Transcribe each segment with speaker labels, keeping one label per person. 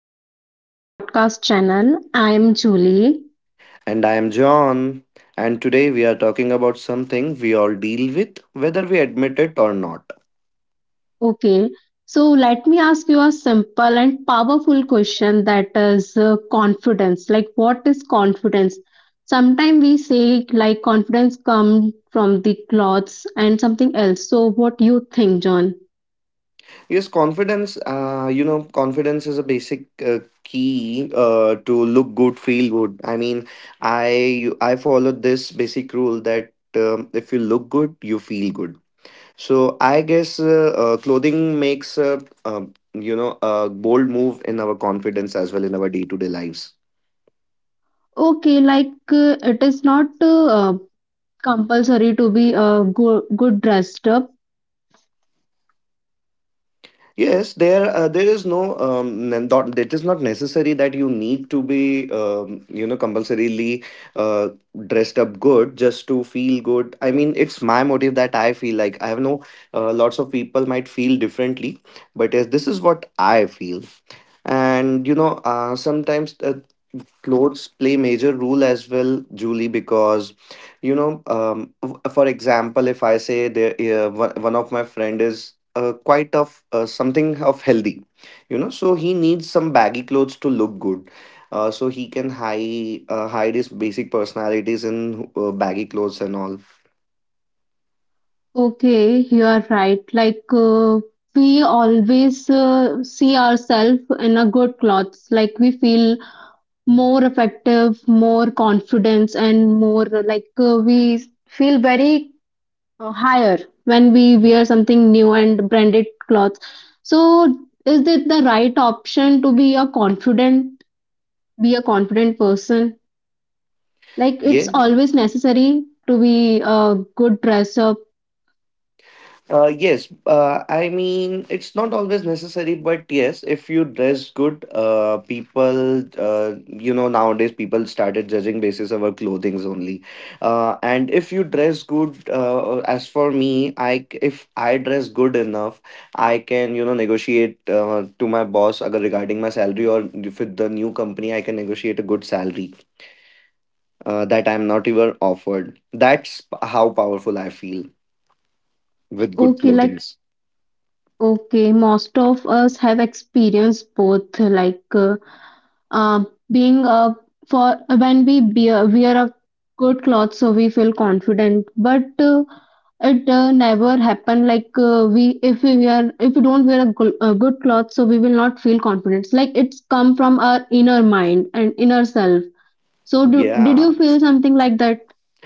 Speaker 1: Welcome to the podcast channel. I am Julie.
Speaker 2: And I am John. And today we are talking about something we all deal with, whether we admit it or not.
Speaker 1: Okay. So let me ask you a simple and powerful question, that is confidence. Like what is confidence? Sometimes we say like confidence comes from the clothes and something else. So what you think, John?
Speaker 2: Yes, confidence. You know, confidence is a basic key to look good, feel good. I mean, I followed this basic rule that if you look good, you feel good. So I guess clothing makes um you know a bold move in our confidence as well in our day to day lives.
Speaker 1: Okay, like it is not compulsory to be good dressed up.
Speaker 2: Yes, there is not it is not necessary that you need to be you know compulsorily uh, dressed up good just to feel good. I mean, it's my motive that I feel like I have no lots of people might feel differently, but yes, this is what I feel. And you know, sometimes clothes play major role as well julie because you know for example if I say there uh, one of my friend is quite of something of healthy you know so he needs some baggy clothes to look good so he can hide his basic personalities in baggy clothes and all.
Speaker 1: Okay, you are right. Like we always see ourselves in a good clothes. Like we feel more effective, more confidence, and more like we feel very higher when we wear something new and branded clothes. So, is it the right option to be a confident person? Like it's
Speaker 2: Yeah.
Speaker 1: always necessary to be a good dresser.
Speaker 2: Yes, I mean, it's not always necessary, but yes, if you dress good, people, you know, nowadays people started judging basis of our clothings only. And if you dress good, as for me, if I dress good enough, I can, you know, negotiate to my boss agar regarding my salary or if with the new company, I can negotiate a good salary that I'm not even offered. How powerful I feel with good
Speaker 1: Okay, like
Speaker 2: clothings.
Speaker 1: okay, most of us have experienced both, like uh, being a for when we bear, wear a good clothes, so we feel confident. But it never happen like we if we wear if we don't wear a, a good clothes, so we will not feel confidence. Like it's come from our inner mind and inner self. So did
Speaker 2: Yeah.
Speaker 1: you feel something like that?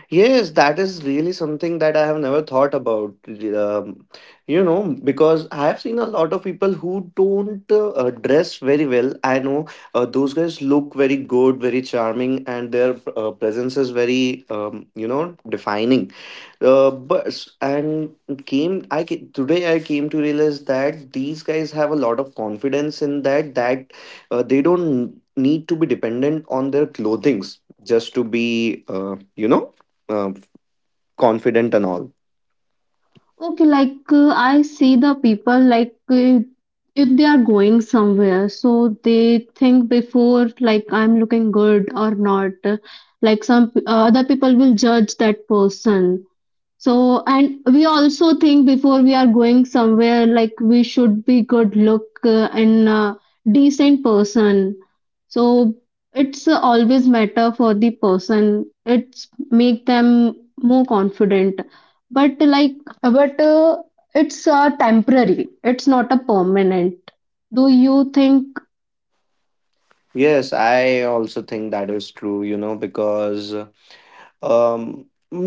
Speaker 2: Yes, that is really something that I have never thought about. You know, because I have seen a lot of people who don't dress very well. I know those guys look very good, very charming, and their presence is very, you know, defining but and today I came to realize that these guys have a lot of confidence in that they don't need to be dependent on their clothings just to be you know uh, confident and all.
Speaker 1: Okay, like I see the people like if they are going somewhere, so they think before, like I'm looking good or not. Like some other people will judge that person. So, and we also think before we are going somewhere, like we should be good look and decent person. So it's always matter for the person. It's make them more confident. But like, but it's temporary. It's not a permanent. Do you think
Speaker 2: Yes I also think that is true you know because Um,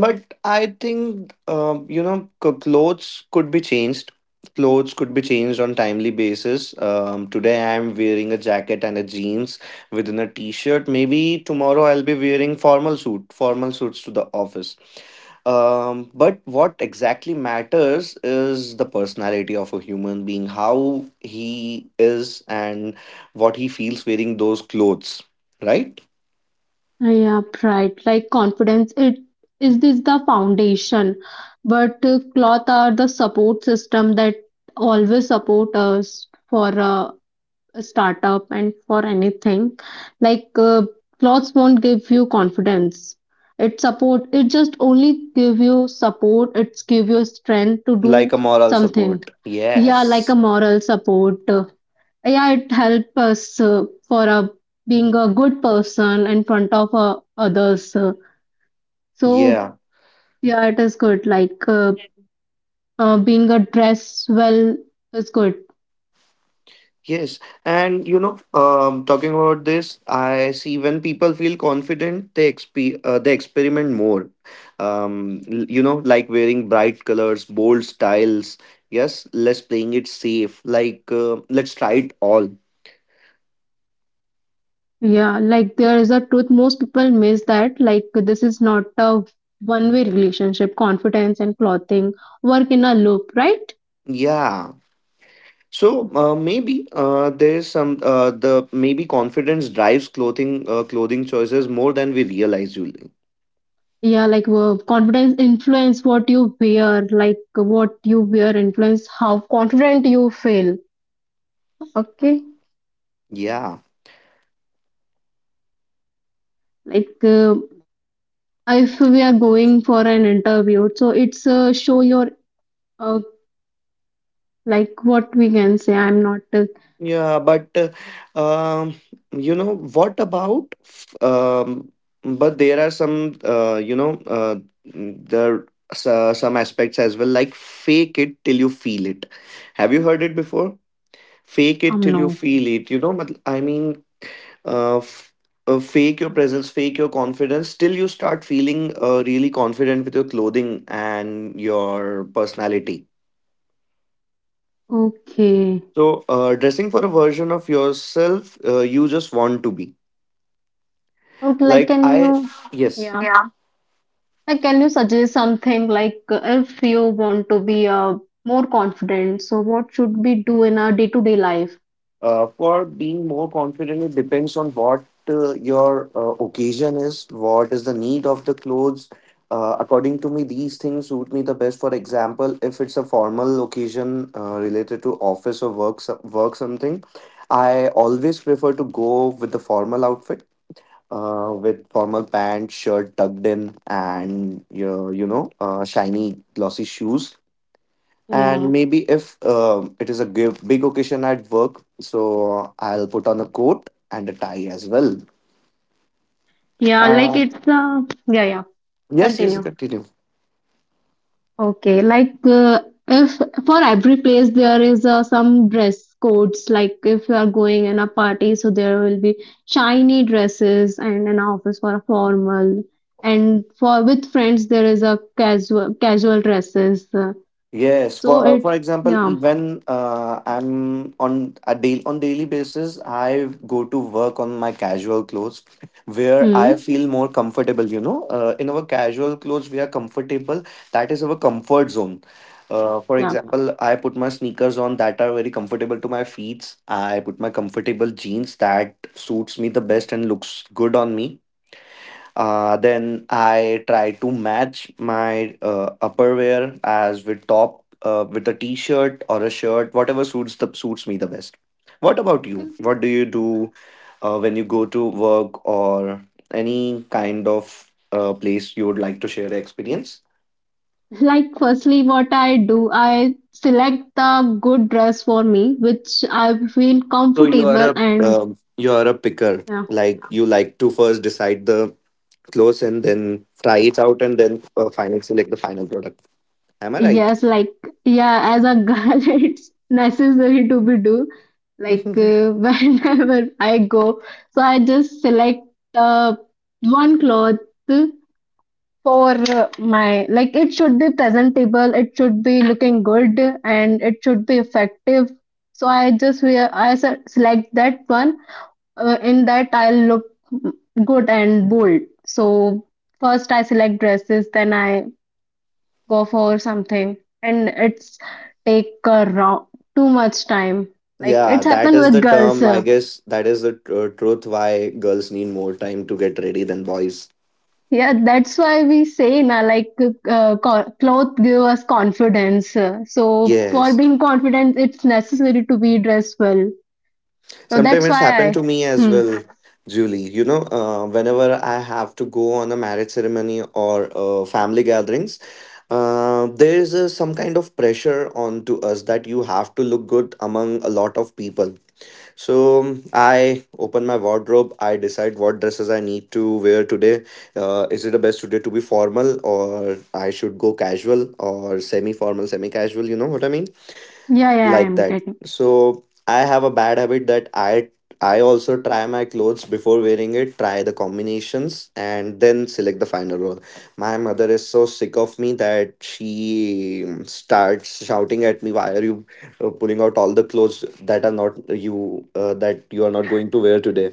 Speaker 2: but I think you know clothes could be changed. Clothes could be changed on timely basis. Today I am wearing a jacket and a jeans within a t-shirt. Maybe tomorrow I'll be wearing formal suits to the office. But what exactly matters is the personality of a human being, how he is and what he feels wearing those clothes, right?
Speaker 1: yeah, right. Like confidence, it is this the foundation, but cloth are the support system that always support us for a startup and for anything. Like clothes won't give you confidence. It support. It just only give you support. It's give you strength to
Speaker 2: Like
Speaker 1: do
Speaker 2: a moral
Speaker 1: something.
Speaker 2: support.
Speaker 1: Yeah, like a
Speaker 2: Yes.
Speaker 1: moral support, yeah, it helps us for being a good person in front of others, so
Speaker 2: Yeah,
Speaker 1: yeah, it is good, like being a dress well is good.
Speaker 2: yes. And you know, talking about this, I see when people feel confident, they experiment more. You know, like wearing bright colors, bold styles. Yes, let's playing it safe. Like let's try it all.
Speaker 1: Yeah, like there is a truth most people miss, that like this is not a one way relationship, confidence and clothing work in a loop, right?
Speaker 2: Yeah. So maybe there's some the maybe confidence drives clothing choices more than we realize, Julie.
Speaker 1: Yeah, like confidence influence what you wear, like what you wear influence how confident you feel. Okay,
Speaker 2: Yeah.
Speaker 1: like if we are going for an interview, so it's show your uh, like what we can say, I'm not
Speaker 2: Yeah, but um, you know but there are some, you know, there are some aspects as well, like fake it till you feel it. Have you heard it before? Fake it till
Speaker 1: no
Speaker 2: you feel it. You know, I mean, f fake your presence, fake your confidence till you start feeling really confident with your clothing and your personality.
Speaker 1: okay
Speaker 2: So, dressing for a version of yourself you just want to be
Speaker 1: okay like
Speaker 2: like.
Speaker 1: can you
Speaker 2: I Yes.
Speaker 1: yeah like can you suggest something like if you want to be more confident, so what should we do in our day-to-day life?
Speaker 2: For being more confident it depends on what your occasion is, what is the need of the clothes according to me these things suit me the best. For example if it's a formal occasion related to office or work, work something I always prefer to go with the formal outfit with formal pants, shirt tucked in, and you know shiny glossy shoes.
Speaker 1: Yeah,
Speaker 2: And maybe if it is a big occasion at work, so I'll put on a coat and a tie as well.
Speaker 1: yeah, like
Speaker 2: And
Speaker 1: it's yeah, yeah,
Speaker 2: yes, yes,
Speaker 1: continue.
Speaker 2: continue.
Speaker 1: Okay, like if for every place there is some dress codes, like if you are going in a party, so there will be shiny dresses, and an office for a formal, and for with friends there is a casual dresses.
Speaker 2: Yes,
Speaker 1: So it
Speaker 2: for example,
Speaker 1: yeah,
Speaker 2: even I'm on a day on daily basis, I go to work on my casual clothes, where I
Speaker 1: hmm,
Speaker 2: feel more comfortable. You know, in our casual clothes, we are comfortable. That is our comfort zone. For
Speaker 1: yeah.
Speaker 2: example, I put my sneakers on that are very comfortable to my feet. I put my comfortable jeans that suits me the best and looks good on me. Then I try to match my upperwear as with top with a t-shirt or a shirt, whatever suits me the best. What about you? What do you do when you go to work or any kind of place you would like to share the experience?
Speaker 1: Like firstly, what I do, I select the good dress for me, which I feel
Speaker 2: So
Speaker 1: comfortable and
Speaker 2: you are a picker.
Speaker 1: yeah.
Speaker 2: Like you like to first decide the clothes and then try it out and then final select the final product. Am I right?
Speaker 1: Yes, like yeah, as a girl, it's necessary to be do. Like whenever I go, so I just select uh, one cloth for my, like it should be presentable, it should be looking good, and it should be effective. So I just wear, I select that one. In that I'll look good and bold. So first I select dresses, then I go for something, and it's take around too much time, like
Speaker 2: Yeah,
Speaker 1: it's
Speaker 2: that
Speaker 1: happened
Speaker 2: is
Speaker 1: with
Speaker 2: the
Speaker 1: girls,
Speaker 2: term. I guess that is the truth why girls need more time to get ready than boys.
Speaker 1: yeah, that's why we say na, like clothes give us confidence, so for
Speaker 2: Yes.
Speaker 1: being confident it's necessary to be dressed well, so
Speaker 2: Sometimes
Speaker 1: that's
Speaker 2: it's
Speaker 1: why
Speaker 2: happened
Speaker 1: I
Speaker 2: to me as
Speaker 1: hmm,
Speaker 2: well, Julie. You know, whenever I have to go on a marriage ceremony or family gatherings, there is some kind of pressure onto us that you have to look good among a lot of people. So I open my wardrobe. I decide what dresses I need to wear today. Is it the best today to be formal or I should go casual or semi formal, semi casual? You know what I mean?
Speaker 1: yeah, yeah,
Speaker 2: Like
Speaker 1: I'm
Speaker 2: that.
Speaker 1: getting.
Speaker 2: So I have a bad habit that I also try my clothes before wearing it, try the combinations, and then select the final roll. My mother is so sick of me that she starts shouting at me, "Why are you pulling out all the clothes that are not you that you are not going to wear today?"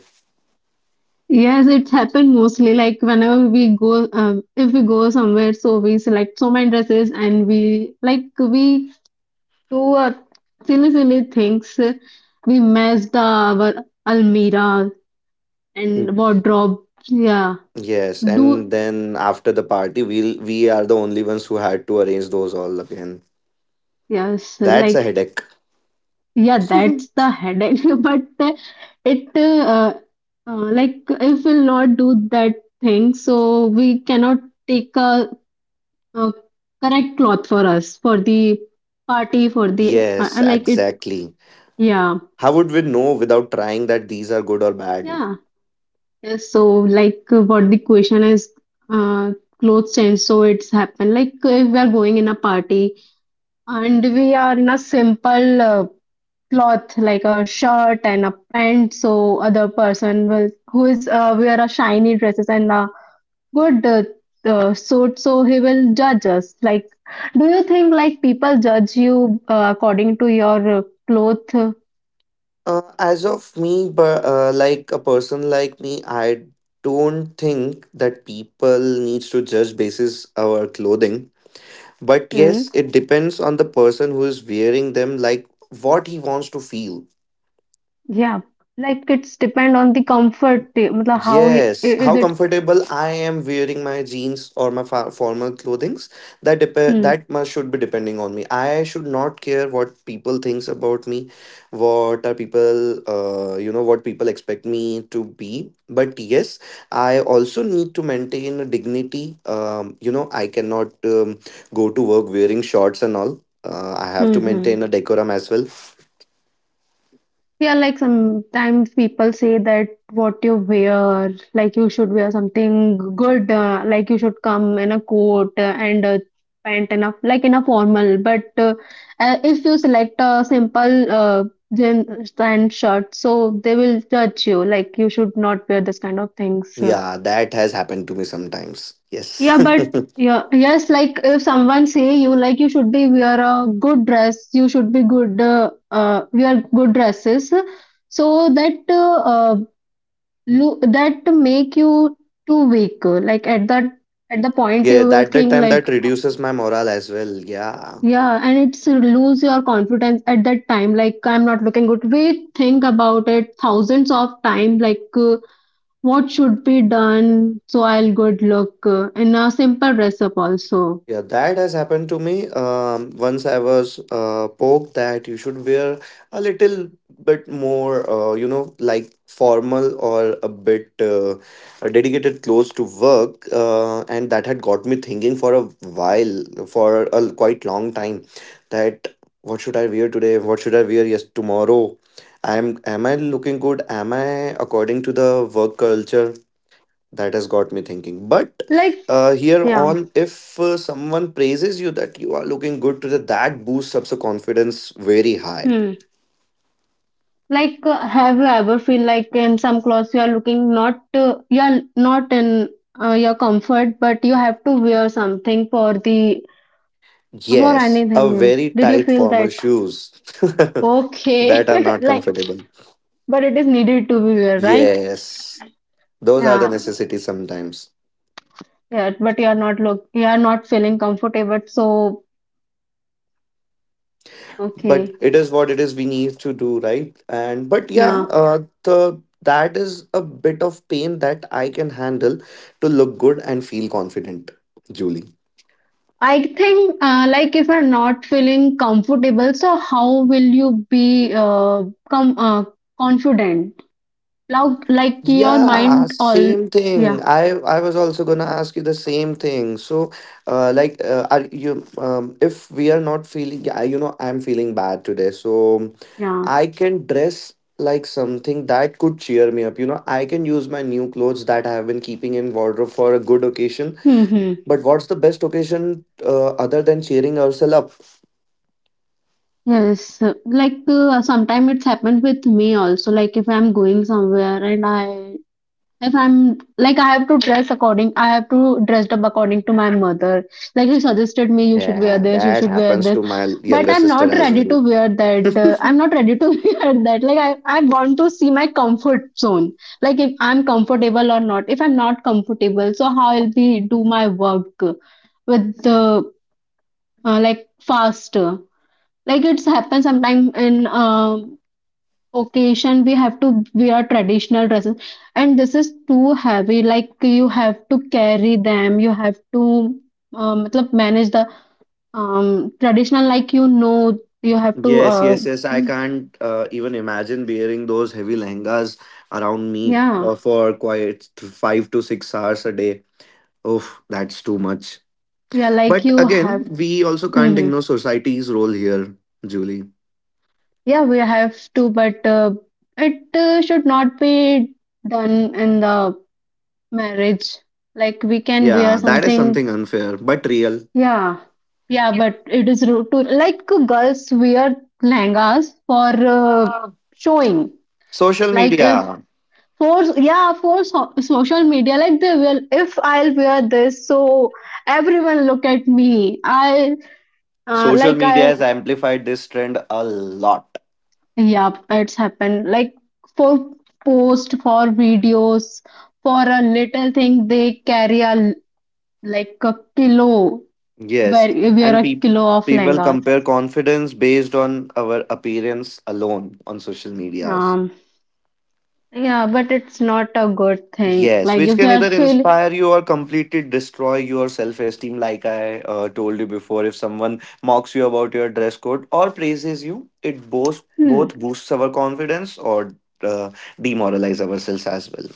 Speaker 1: Yes, it's happened mostly like whenever we go, if we go somewhere, so we select so many dresses and we like we do silly, silly things. We messed our almirah
Speaker 2: Mm.
Speaker 1: and wardrobe. Yeah,
Speaker 2: Yes,
Speaker 1: do
Speaker 2: and then after the party, we are the only ones who had to arrange those all again.
Speaker 1: yes,
Speaker 2: That's a
Speaker 1: like
Speaker 2: headache.
Speaker 1: yeah, that's the headache. But it like if we'll not do that thing, so we cannot take a, uh correct cloth for us for the party for the
Speaker 2: Yes,
Speaker 1: like it.
Speaker 2: exactly.
Speaker 1: Yeah,
Speaker 2: How would we know without trying that these are good or bad?
Speaker 1: yeah. Yes, so like what the question is, uh, clothes change. So it's happened, like if we are going in a party and we are in a simple cloth like a shirt and a pant. So other person will who is wear a shiny dresses and a good suit. So he will judge us. Like, do you think like people judge you according to your cloth?
Speaker 2: As of me, but like a person like me, I don't think that people needs to judge basis our clothing. But
Speaker 1: Hmm.
Speaker 2: yes, it depends on the person who is wearing them, like what he wants to feel.
Speaker 1: Yeah, like it's depend on the comfort eh, matlab how he, I-
Speaker 2: Yes,
Speaker 1: is
Speaker 2: how
Speaker 1: it
Speaker 2: comfortable I am wearing my jeans or my formal clothings.
Speaker 1: hmm.
Speaker 2: That must should be depending on me. I should not care what people thinks about me, what are people you know what people expect me to be. But yes, I also need to maintain a dignity. You know, I cannot go to work wearing shorts and all. I have to
Speaker 1: Mhm.
Speaker 2: maintain a decorum as well.
Speaker 1: Yeah, like sometimes people say that what you wear, like you should wear something good, like you should come in a coat and a pant and a like in a formal. But if you select a simple jeans and shirt, so they will judge you. Like you should not wear this kind of things.
Speaker 2: Yeah, that has happened to me sometimes. Yes.
Speaker 1: Yeah, but yeah, yes, like if someone say you like you should be wear a good dress, you should be good wear good dresses, so that that make you too weak. Like at that at the point
Speaker 2: Yeah,
Speaker 1: you will
Speaker 2: that that
Speaker 1: think
Speaker 2: time
Speaker 1: like
Speaker 2: that reduces my morale as well. Yeah.
Speaker 1: yeah, and it's lose your confidence at that time. Like I'm not looking good. We think about it thousands of time. Like what should be done so I'll good look in a simple dress up also.
Speaker 2: Yeah, that has happened to me. Once I was poked that you should wear a little bit more, you know, like formal or a bit dedicated clothes to work. And that had got me thinking for a while, for a quite long time, that what should I wear today? What should I wear tomorrow? I'm Am I looking good? Am I according to the work culture? That has got me thinking. But
Speaker 1: Like
Speaker 2: Here
Speaker 1: yeah.
Speaker 2: on, if someone praises you that you are looking good to the, that boosts up the confidence very high.
Speaker 1: Hmm. Like, have you ever feel like in some clothes you are looking not you are not in your comfort, but you have to wear something for the for
Speaker 2: Yes, a
Speaker 1: anything?
Speaker 2: very
Speaker 1: Did you
Speaker 2: tight
Speaker 1: feel
Speaker 2: formal
Speaker 1: that?
Speaker 2: shoes
Speaker 1: Okay,
Speaker 2: that are not
Speaker 1: like,
Speaker 2: comfortable.
Speaker 1: but it is needed to be wear, right?
Speaker 2: Yes, those are the
Speaker 1: Yeah.
Speaker 2: necessities sometimes.
Speaker 1: Yeah. But you are not look you are not feeling comfortable, so
Speaker 2: But
Speaker 1: okay.
Speaker 2: it is what it is. We need to do right. And but yeah,
Speaker 1: Yeah.
Speaker 2: the that is a bit of pain that I can handle to look good and feel confident, Julie.
Speaker 1: I think like if you're not feeling comfortable, so how will you be com confident? Like your
Speaker 2: Yeah,
Speaker 1: mind all
Speaker 2: same
Speaker 1: yeah
Speaker 2: thing. I was also gonna ask you the same thing. So, are you if we are not feeling, yeah, you know, I'm feeling bad today, so
Speaker 1: yeah
Speaker 2: I can dress like something that could cheer me up. You know, I can use my new clothes that I have been keeping in wardrobe for a good occasion.
Speaker 1: hmm
Speaker 2: But what's the best occasion other than cheering ourselves up?
Speaker 1: yes like sometimes it's happened with me also, like if I'm going somewhere and I if I'm like I have to dress according I have to dress up according to my mother, like he suggested me you should wear
Speaker 2: Yeah,
Speaker 1: this you
Speaker 2: that
Speaker 1: should wear
Speaker 2: happens
Speaker 1: this
Speaker 2: to my
Speaker 1: but
Speaker 2: younger
Speaker 1: I'm
Speaker 2: sister
Speaker 1: not
Speaker 2: as
Speaker 1: ready
Speaker 2: well.
Speaker 1: to wear that, I'm not ready to wear that, like I want to see my comfort zone, like if I'm comfortable or not, if I'm not comfortable so how I'll be do my work with the like faster, like it's happened sometime in occasion we have to wear traditional dresses, and this is too heavy, like you have to carry them you have to matlab manage the traditional, like you know, you have to
Speaker 2: Yes, yes, yes. I
Speaker 1: mm,
Speaker 2: can't even imagine wearing those heavy lehengas around me
Speaker 1: yeah
Speaker 2: for quite 5 to 6 hours a day. Oof, that's too much.
Speaker 1: yeah like
Speaker 2: But
Speaker 1: you have
Speaker 2: again, we also
Speaker 1: hmm
Speaker 2: can't
Speaker 1: hmm.
Speaker 2: ignore society's role here, Julie.
Speaker 1: Yeah, we have to, but it should not be done in the marriage, like we can wear
Speaker 2: Yeah, that is
Speaker 1: something.
Speaker 2: something unfair but real.
Speaker 1: Yeah, yeah, but it is rude to like girls wear lehengas for showing.
Speaker 2: Social
Speaker 1: Like if
Speaker 2: media.
Speaker 1: for yeah for so social media, like they will. If I'll wear this, so everyone look at me. I
Speaker 2: Social
Speaker 1: like
Speaker 2: media
Speaker 1: I
Speaker 2: has amplified this trend a lot.
Speaker 1: yeah, it's happened. Like for post for videos for a little thing, they carry a l- like a kilo where
Speaker 2: Yes.
Speaker 1: wear
Speaker 2: And
Speaker 1: a
Speaker 2: pe-
Speaker 1: kilo of
Speaker 2: People
Speaker 1: lehengas.
Speaker 2: compare confidence based on our appearance alone on social media.
Speaker 1: Um. Yeah, but it's not a good thing.
Speaker 2: Yes,
Speaker 1: Like
Speaker 2: which
Speaker 1: if you
Speaker 2: can
Speaker 1: are
Speaker 2: either
Speaker 1: feeling,
Speaker 2: inspire you or completely destroy your self esteem, like I told you before. If someone mocks you about your dress code or praises you, it both,
Speaker 1: hmm,
Speaker 2: both boosts our confidence or uh, demoralize ourselves as well.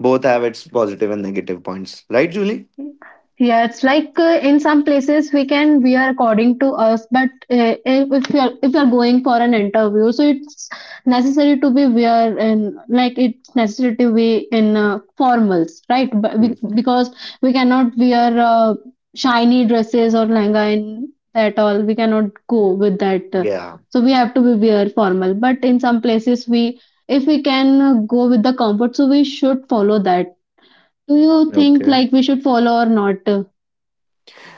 Speaker 2: Both have its positive and negative points, right, Julie?
Speaker 1: yeah, it's like in some places we can wear according to us, but if you're going for an interview, so it's necessary to be wear in, like it's necessary to be in formals, right? But
Speaker 2: Hmm.
Speaker 1: we, because we cannot wear shiny dresses or lehenga in that all, we cannot go with that.
Speaker 2: Yeah.
Speaker 1: So we have to be wear formal. But in some places we, if we can go with the comfort, so we should follow that. Do you think
Speaker 2: Okay.
Speaker 1: like we should follow or not?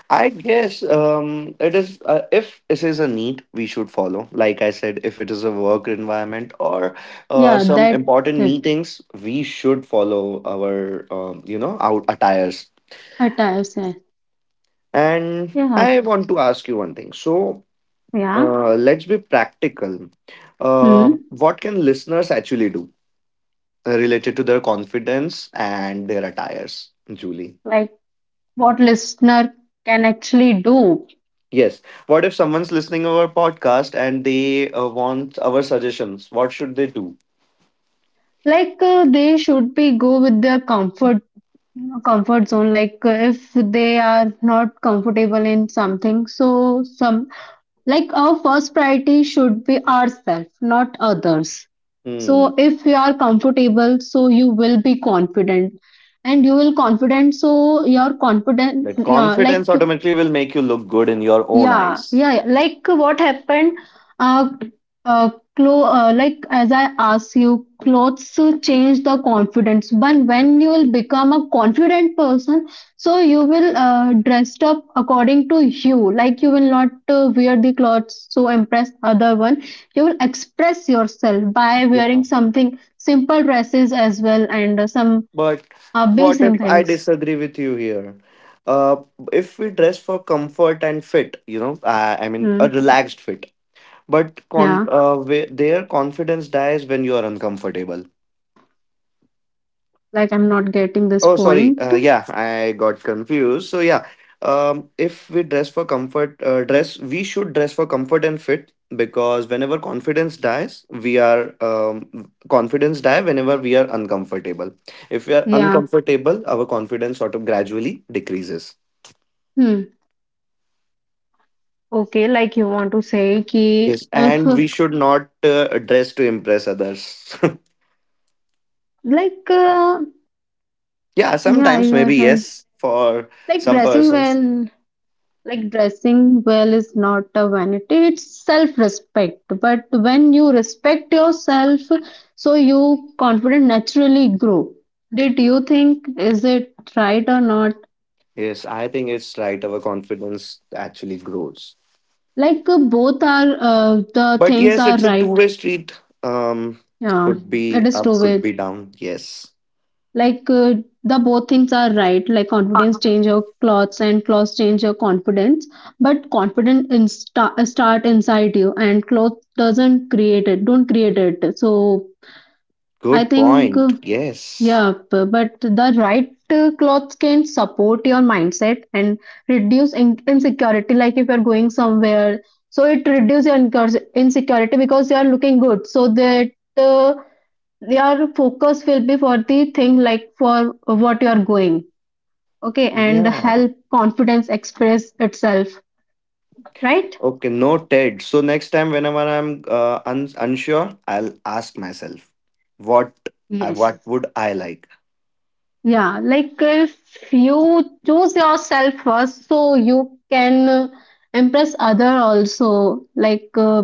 Speaker 2: I guess it is. If this is a need, we should follow. Like I said, if it is a work environment or
Speaker 1: Yeah,
Speaker 2: some
Speaker 1: that
Speaker 2: important
Speaker 1: uh,
Speaker 2: meetings, we should follow our um, our attires.
Speaker 1: attires.
Speaker 2: And
Speaker 1: Yeah,
Speaker 2: I want to ask you one thing. So
Speaker 1: yeah.
Speaker 2: let's be practical.
Speaker 1: Hmm.
Speaker 2: What can listeners actually do related to their confidence and their attires, Julie?
Speaker 1: Like what listener can actually do.
Speaker 2: Yes. What if someone's listening to our podcast and they want our suggestions? What should they do?
Speaker 1: Like they should be go with their comfort comfort zone. Like if they are not comfortable in something, so some like our first priority should be ourselves not others,
Speaker 2: Hmm.
Speaker 1: so if you are comfortable so you will be confident, and you will confident so your confident
Speaker 2: That
Speaker 1: yeah like
Speaker 2: confidence automatically will make you look good in your own
Speaker 1: yeah,
Speaker 2: eyes.
Speaker 1: yeah, yeah. Like what happened? Uh, uh, clo like as I asked you, clothes change the confidence. But when you will become a confident person, so you will dressed up according to you. Like you will not wear the clothes to impress other one. You will express yourself by
Speaker 2: Yeah.
Speaker 1: wearing something simple dresses as well and some
Speaker 2: But what if
Speaker 1: basic
Speaker 2: I
Speaker 1: things.
Speaker 2: disagree with you here? Uh, if we dress for comfort and fit, I mean, a
Speaker 1: Hmm.
Speaker 2: relaxed fit. But con-
Speaker 1: Yeah,
Speaker 2: uh, where their confidence dies when you are uncomfortable.
Speaker 1: like I'm not getting this
Speaker 2: Oh, sorry.
Speaker 1: point.
Speaker 2: Yeah, I got confused. So yeah, if we dress for comfort, dress we should dress for comfort and fit because whenever confidence dies, we are confidence die whenever we are uncomfortable. If we are
Speaker 1: Yeah.
Speaker 2: uncomfortable, our confidence sort of gradually decreases.
Speaker 1: Hmm. Okay, like you want to say ki
Speaker 2: Yes,
Speaker 1: if
Speaker 2: and we should not dress to impress others.
Speaker 1: like
Speaker 2: Yeah,
Speaker 1: yeah,
Speaker 2: sometimes
Speaker 1: you are
Speaker 2: maybe
Speaker 1: right.
Speaker 2: yes for
Speaker 1: Like
Speaker 2: some
Speaker 1: dressing
Speaker 2: persons.
Speaker 1: well, like dressing well is not a vanity, it's self-respect. But when you respect yourself, so you confident naturally grow. Did you think is it right or not?
Speaker 2: Yes, I think it's right. Our confidence actually grows.
Speaker 1: Like both are the
Speaker 2: But
Speaker 1: things
Speaker 2: yes,
Speaker 1: are
Speaker 2: it's a
Speaker 1: right.
Speaker 2: two-way street. Um,
Speaker 1: Yeah,
Speaker 2: could
Speaker 1: it
Speaker 2: be
Speaker 1: is
Speaker 2: up,
Speaker 1: two
Speaker 2: could
Speaker 1: way.
Speaker 2: be down. Yes.
Speaker 1: Like the both things are right. Like confidence change your clothes and clothes change your confidence. But confidence in start inside you, and clothes doesn't create it. Don't create it. So I
Speaker 2: Good
Speaker 1: think
Speaker 2: point. Yes.
Speaker 1: yeah. But the right clothes can support your mindset and reduce insecurity. Like if you're going somewhere, so it reduces your insecurity because you are looking good. So that. Your focus will be for the thing, like for what you are going okay, and
Speaker 2: Yeah.
Speaker 1: help confidence express itself, right?
Speaker 2: Okay. No, Ted. So next time, whenever I'm unsure, I'll ask myself, what I
Speaker 1: Yes.
Speaker 2: what would I like?
Speaker 1: Yeah, like if you choose yourself first so you can impress other also, like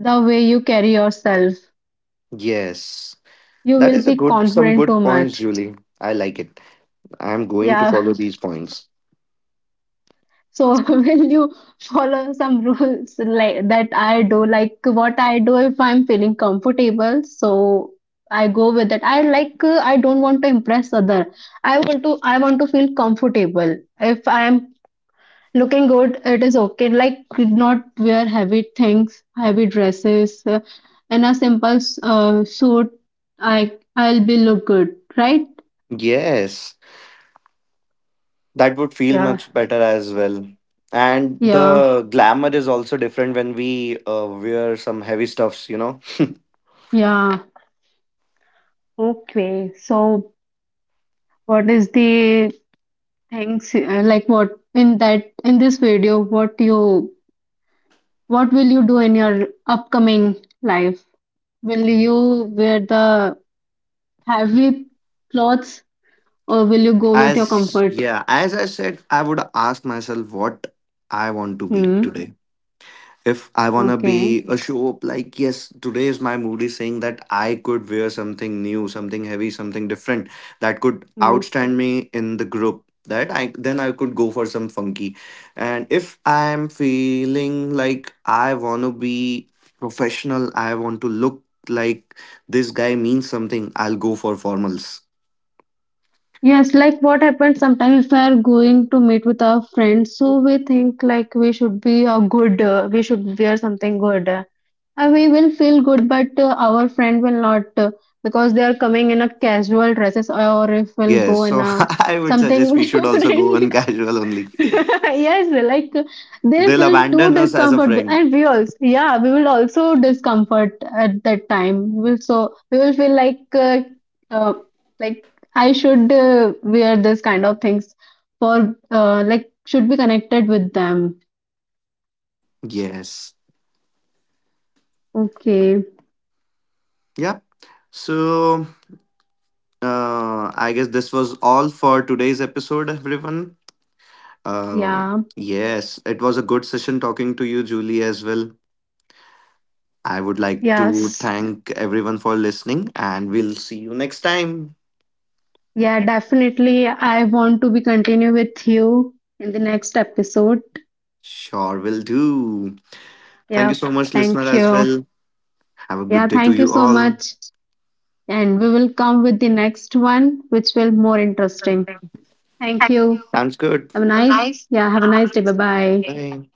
Speaker 1: the way you carry yourself
Speaker 2: Yes.
Speaker 1: you
Speaker 2: That
Speaker 1: will
Speaker 2: is a
Speaker 1: be confident
Speaker 2: good
Speaker 1: too
Speaker 2: points,
Speaker 1: much.
Speaker 2: Julie. I like it. I'm going to
Speaker 1: Yeah.
Speaker 2: follow these points.
Speaker 1: So will you follow some rules like that I do, like what I do if I'm feeling comfortable? So I go with it. I like I don't want to impress other. I want to feel comfortable. If I am looking good, it is okay. Like not wear heavy things, heavy dresses, in a simple suit. I I'll be look good, right?
Speaker 2: Yes. That would feel
Speaker 1: Yeah.
Speaker 2: much better as well. And
Speaker 1: Yeah,
Speaker 2: the glamour is also different when we wear some heavy stuffs, you know.
Speaker 1: yeah. Okay. So what is the thanks. Like what in that in this video, what you what will you do in your upcoming life? Will you wear the heavy clothes or will you go with your
Speaker 2: As
Speaker 1: comfort?
Speaker 2: yeah, as I said, I would ask myself what I want to be
Speaker 1: Hmm.
Speaker 2: today. If I wanna
Speaker 1: Okay.
Speaker 2: be a show up, like yes, today is my mood is saying that I could wear something new, something heavy, something different that could
Speaker 1: Hmm.
Speaker 2: outstand me in the group. That I then I could go for some funky. And if I'm feeling like I wanna be professional, I want to look like this guy means something, I'll go for formals.
Speaker 1: Yes, like what happens sometimes if we are going to meet with our friends, so we think like we should be a good, we should wear something good. We will feel good, but our friend will not because they are coming in a casual dresses, or if we'll
Speaker 2: Yes,
Speaker 1: go in
Speaker 2: so
Speaker 1: a
Speaker 2: I would suggest
Speaker 1: something
Speaker 2: we should also go on
Speaker 1: different.
Speaker 2: casual only.
Speaker 1: Yes, like they
Speaker 2: They'll
Speaker 1: feel too
Speaker 2: abandon us as a
Speaker 1: discomfort
Speaker 2: friend.
Speaker 1: and we also yeah, we will also discomfort at that time. We will so we will feel uh, like I should wear this kind of things for like should be connected with them.
Speaker 2: Yes.
Speaker 1: Okay.
Speaker 2: Yep. So I guess this was all for today's episode, everyone. Uh,
Speaker 1: Yeah.
Speaker 2: yes, it was a good session talking to you, Julie, as well. I would like to
Speaker 1: Yes.
Speaker 2: thank everyone for listening, and we'll see you next time.
Speaker 1: Yeah, definitely. I want to be continue with you in the next episode.
Speaker 2: Sure, will do. Thank
Speaker 1: Yeah,
Speaker 2: you so much, listener,
Speaker 1: thank
Speaker 2: as
Speaker 1: you.
Speaker 2: well. Have a
Speaker 1: Yeah,
Speaker 2: good day to
Speaker 1: thank you
Speaker 2: you
Speaker 1: so
Speaker 2: all.
Speaker 1: much. And we will come with the next one, which will more interesting. Thank you.
Speaker 2: Sounds good.
Speaker 1: Have a nice, yeah, have a nice day. Bye bye.
Speaker 2: Bye.